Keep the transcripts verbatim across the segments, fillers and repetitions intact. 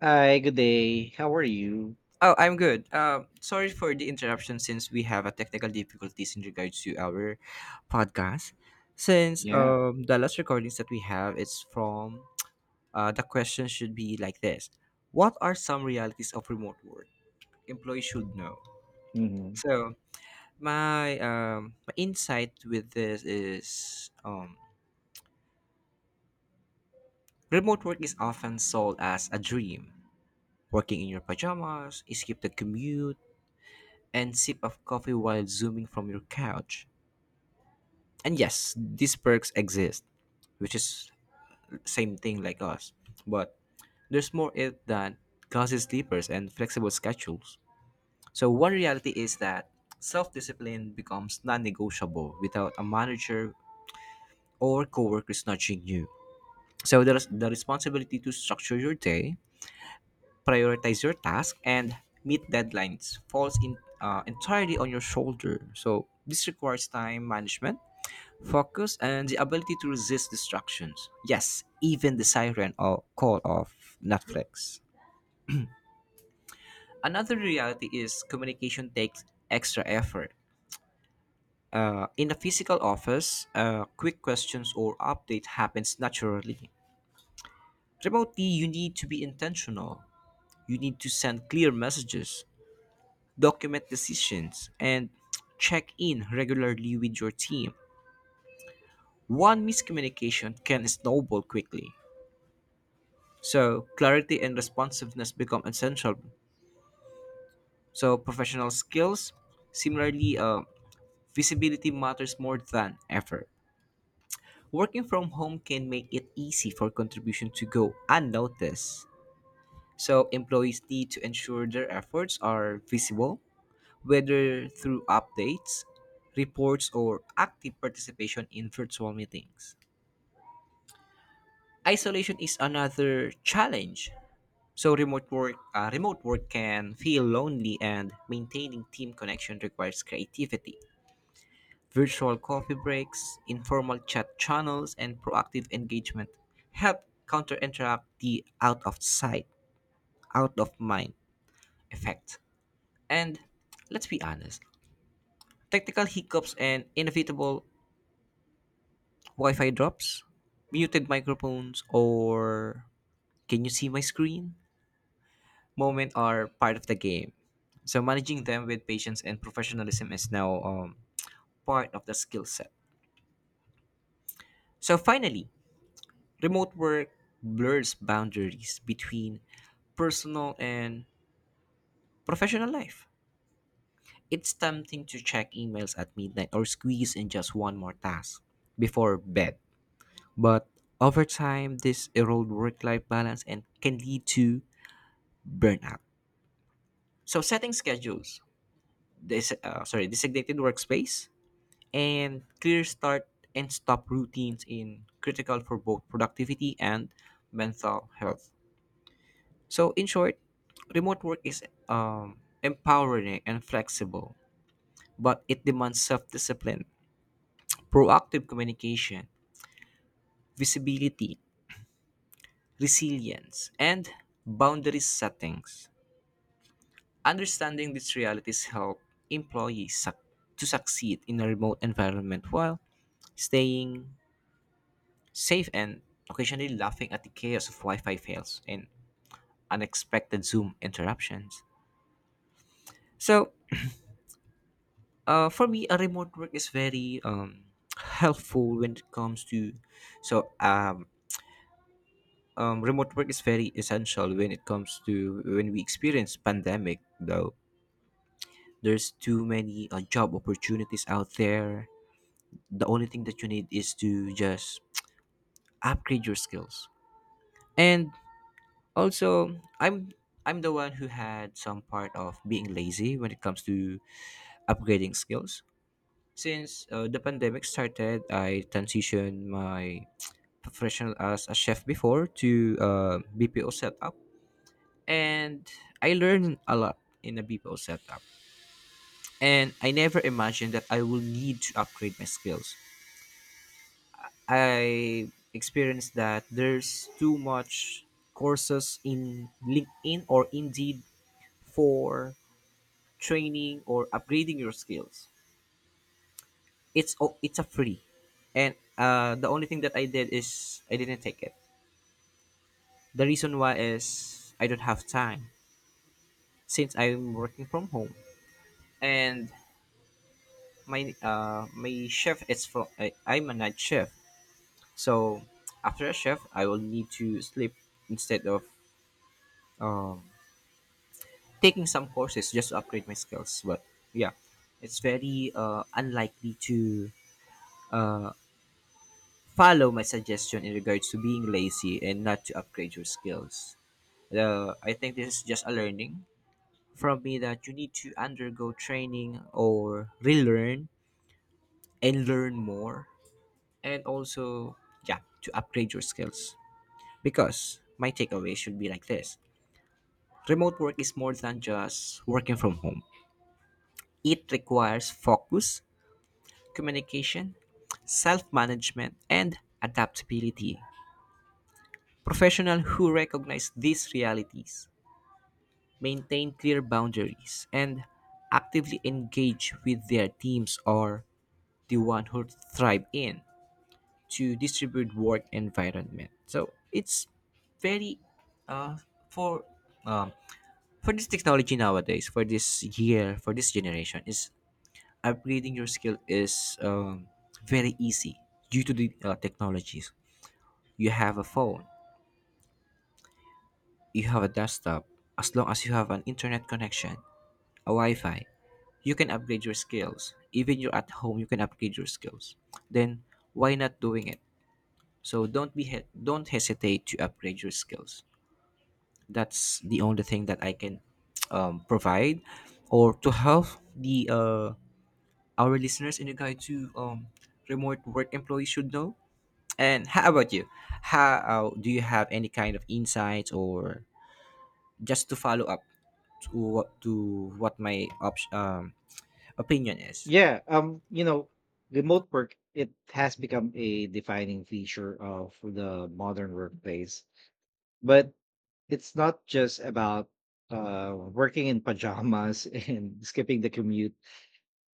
Hi, good day. How are you? Oh, I'm good. Um, sorry for the interruption since we have a technical difficulties in regards to our podcast. Since Yeah. um, the last recordings that we have is from uh, the question should be like this. What are some realities of remote work employees should know? hmm So my um, my insight with this is um, remote work is often sold as a dream. Working in your pajamas, skip the commute, and sip of coffee while zooming from your couch. And yes, these perks exist, which is same thing like us, but there's more it than cozy sleepers and flexible schedules. So one reality is that self-discipline becomes non-negotiable. Without a manager or coworkers nudging you, so there's the responsibility to structure your day, prioritize your task, and meet deadlines falls in uh, entirely on your shoulder. So this requires time management, focus, and the ability to resist distractions. Yes, even the siren or call of Netflix. Another reality is communication takes extra effort. Uh, in a physical office, uh, quick questions or update happens naturally. Remotely, you need to be intentional. You need to send clear messages, document decisions, and check in regularly with your team. One miscommunication can snowball quickly. So, clarity and responsiveness become essential. So, professional skills, similarly, uh, visibility matters more than ever. Working from home can make it easy for contribution to go unnoticed. So, employees need to ensure their efforts are visible, whether through updates, reports, or active participation in virtual meetings. Isolation is another challenge. So remote work, uh, remote work can feel lonely, and maintaining team connection requires creativity. Virtual coffee breaks, informal chat channels, and proactive engagement help counter interact the out of sight, out of mind effect. And let's be honest, technical hiccups and inevitable Wi-Fi drops, muted microphones, or can you see my screen moment are part of the game. So managing them with patience and professionalism is now um, part of the skill set. So finally, remote work blurs boundaries between personal and professional life. It's tempting to check emails at midnight or squeeze in just one more task before bed. But over time, this erodes work life balance and can lead to burnout. So, setting schedules, this, uh, sorry, designated workspace, and clear start and stop routines in critical for both productivity and mental health. So in short, remote work is um, empowering and flexible, but it demands self-discipline, proactive communication, visibility, resilience, and boundary settings. Understanding these realities help employees suc- to succeed in a remote environment while staying safe and occasionally laughing at the chaos of Wi-Fi fails and unexpected Zoom interruptions. So, uh, for me, a remote work is very um, helpful when it comes to so um, um, remote work is very essential when it comes to when we experience pandemic, though there's too many uh, job opportunities out there. The only thing that you need is to just upgrade your skills. And also, I'm I'm the one who had some part of being lazy when it comes to upgrading skills. Since uh, the pandemic started, I transitioned my professional as a chef before to uh, B P O setup, and I learned a lot in a B P O setup. And I never imagined that I will need to upgrade my skills. I experienced that there's too much courses in LinkedIn or Indeed for training or upgrading your skills. It's o- it's a free, and uh, the only thing that I did is I didn't take it. The reason why is I don't have time since I'm working from home, and my uh, my shift is from I, I'm a night shift, so after a shift I will need to sleep instead of um, taking some courses just to upgrade my skills. But yeah, it's very uh, unlikely to uh, follow my suggestion in regards to being lazy and not to upgrade your skills. Uh, I think this is just a learning from me that you need to undergo training or relearn and learn more, and also, yeah, to upgrade your skills. Because my takeaway should be like this: remote work is more than just working from home, it requires focus, communication, self management, and adaptability. Professionals who recognize these realities, maintain clear boundaries, and actively engage with their teams or the one who thrive in to distribute work environment. So it's very uh, for um, for this technology nowadays, for this year, for this generation, is upgrading your skill is um, very easy due to the uh, technologies. You have a phone, you have a desktop. As long as you have an internet connection, Wi-Fi, you can upgrade your skills. Even you're at home, you can upgrade your skills. Then why not doing it? So don't be he- don't hesitate to upgrade your skills. That's the only thing that I can um, provide or to help the uh, our listeners in regard to um, remote work employees should know. And how about you? How uh, do you have any kind of insights or just to follow up to what to what my op- um, opinion is? Yeah. Um, you know, remote work, it has become a defining feature of the modern workplace. But it's not just about uh working in pajamas and skipping the commute.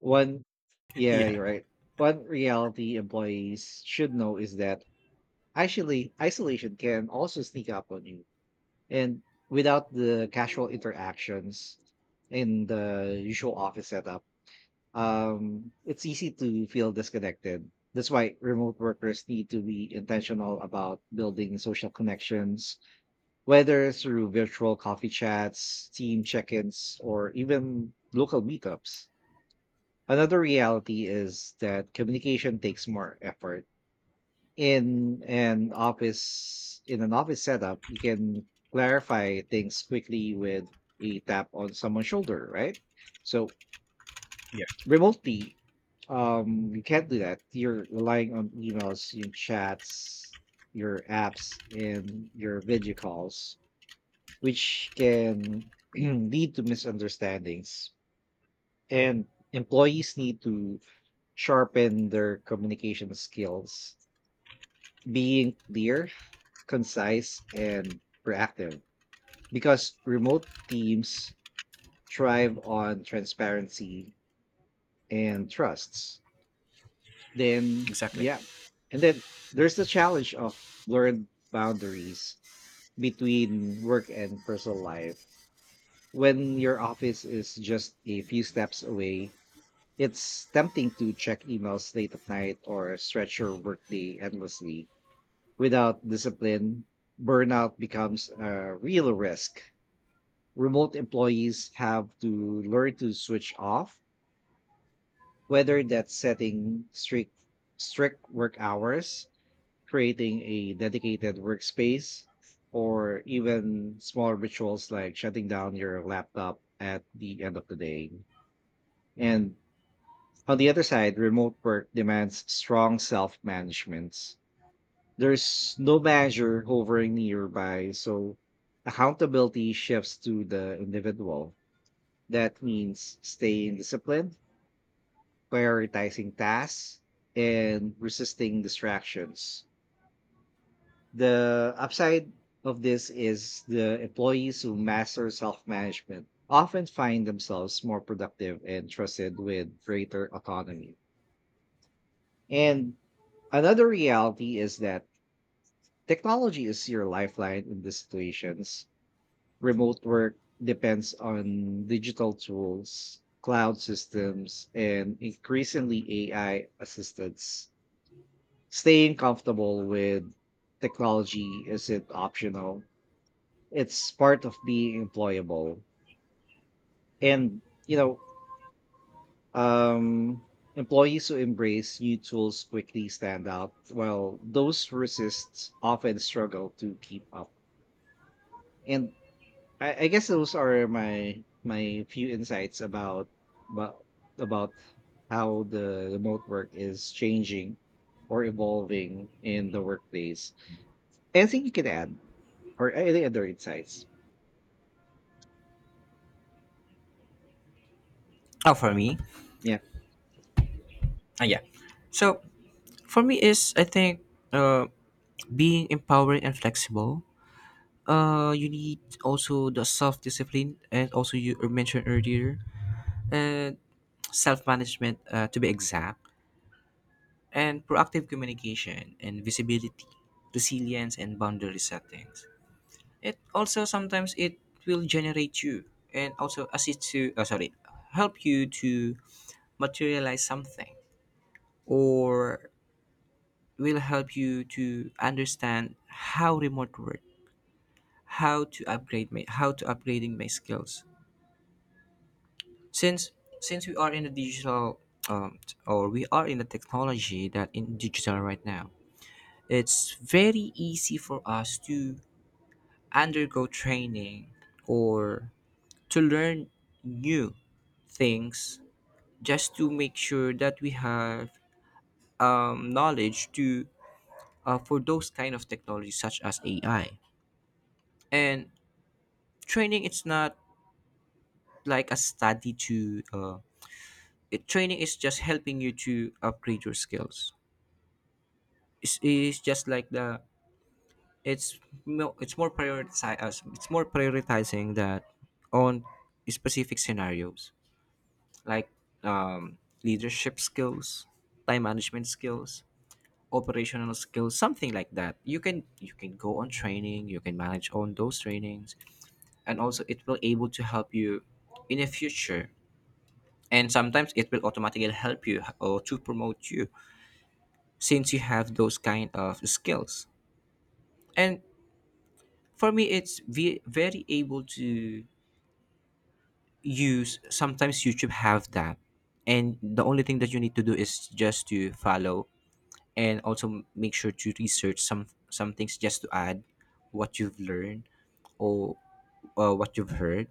One, yeah, Yeah. you're right. One reality employees should know is that actually isolation can also sneak up on you. And without the casual interactions in the usual office setup, um, it's easy to feel disconnected. That's why remote workers need to be intentional about building social connections, whether through virtual coffee chats, team check ins, or even local meetups. Another reality is that communication takes more effort in an office in an office setup you can clarify things quickly with a tap on someone's shoulder, right? So remotely, um you can't do that. You're relying on emails, your chats, your apps, and your video calls, which can lead to misunderstandings, and employees need to sharpen their communication skills, being clear, concise, and proactive, because remote teams thrive on transparency and trusts. Then, Exactly. yeah. And then there's the challenge of blurred boundaries between work and personal life. When your office is just a few steps away, it's tempting to check emails late at night or stretch your workday endlessly. Without discipline, burnout becomes a real risk. Remote employees have to learn to switch off, whether that's setting strict strict work hours, creating a dedicated workspace, or even small rituals like shutting down your laptop at the end of the day. And on the other side, remote work demands strong self-management. There's no manager hovering nearby, so accountability shifts to the individual. That means staying disciplined, prioritizing tasks, and resisting distractions. The upside of this is the employees who master self management often find themselves more productive and trusted with greater autonomy. And another reality is that technology is your lifeline in these situations. Remote work depends on digital tools, cloud systems, and increasingly A I assistants. Staying comfortable with technology isn't optional. It's part of being employable. And, you know, um, employees who embrace new tools quickly stand out, while those who resist often struggle to keep up. And I, I guess those are my my few insights about about about how the remote work is changing or evolving in the workplace. Anything you can add or any other insights? Oh, for me, Yeah. Uh, yeah. So for me is I think uh, being empowered and flexible. Uh, you need also the self discipline, and also you mentioned earlier and self management, uh, to be exact, and proactive communication and visibility, resilience and boundary settings. It also sometimes it will generate you and also assist you. Uh, sorry, help you to materialize something or will help you to understand how remote work, how to upgrade my, how to upgrading my skills. Since since we are in the digital um, t- or we are in the technology that in digital right now, it's very easy for us to undergo training or to learn new things just to make sure that we have um, knowledge to uh, for those kind of technologies such as A I. And training it's not like a study to uh, it, training is just helping you to upgrade your skills. It's, it's just like the it's no, it's more prioritize us it's more prioritizing that on specific scenarios like um, leadership skills, time management skills, operational skills, something like that. You can you can go on training, you can manage on those trainings, and also it will able to help you in the future, and sometimes it will automatically help you or to promote you since you have those kind of skills. And for me it's ve- very able to use. Sometimes YouTube have that, and the only thing that you need to do is just to follow, and also make sure to research some some things just to add what you've learned or uh, what you've heard.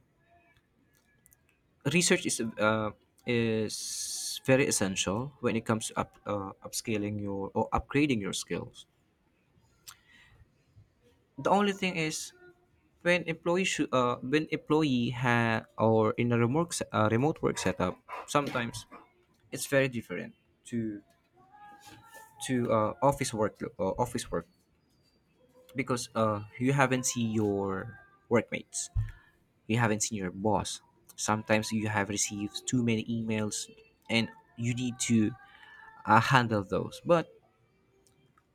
Research is uh, is very essential when it comes to up uh, upscaling your or upgrading your skills. The only thing is when employee shou- uh, when employee ha or in a remote se- uh, remote work setup, sometimes it's very different to to uh, office work uh, office work, because uh, you haven't seen your workmates, you haven't seen your boss. Sometimes you have received too many emails, and you need to uh, handle those. But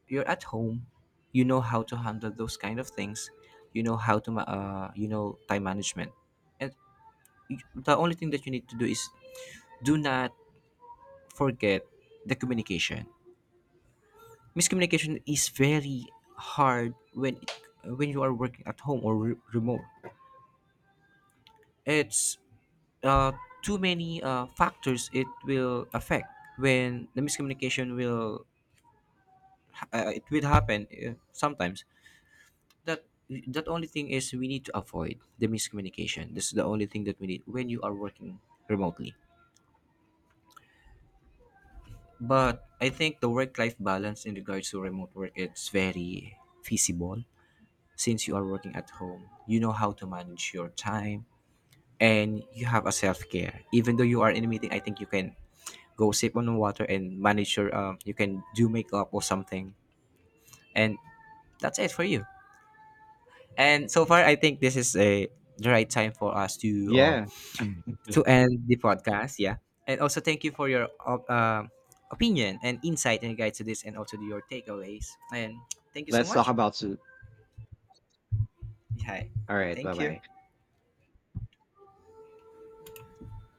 you're at home, you know how to handle those kind of things. You know how to ma- uh, you know time management. And y- the only thing that you need to do is do not forget the communication. Miscommunication is very hard when it, when you are working at home or re- remote. It's uh, too many uh, factors it will affect when the miscommunication will uh, it will happen uh, sometimes. That that only thing is we need to avoid the miscommunication. This is the only thing that we need when you are working remotely. But I think the work-life balance in regards to remote work it's very feasible, since you are working at home. You know how to manage your time, and you have a self-care. Even though you are in a meeting, I think you can go sip on water and manage your um you can do makeup or something. And that's it for you. And so far I think this is a the right time for us to uh, Yeah. to end the podcast. Yeah, and also thank you for your op- um opinion and insight and guide to this, and also your takeaways. And thank you so Let's talk much. about soon. Hi, All right. Bye thank you. bye.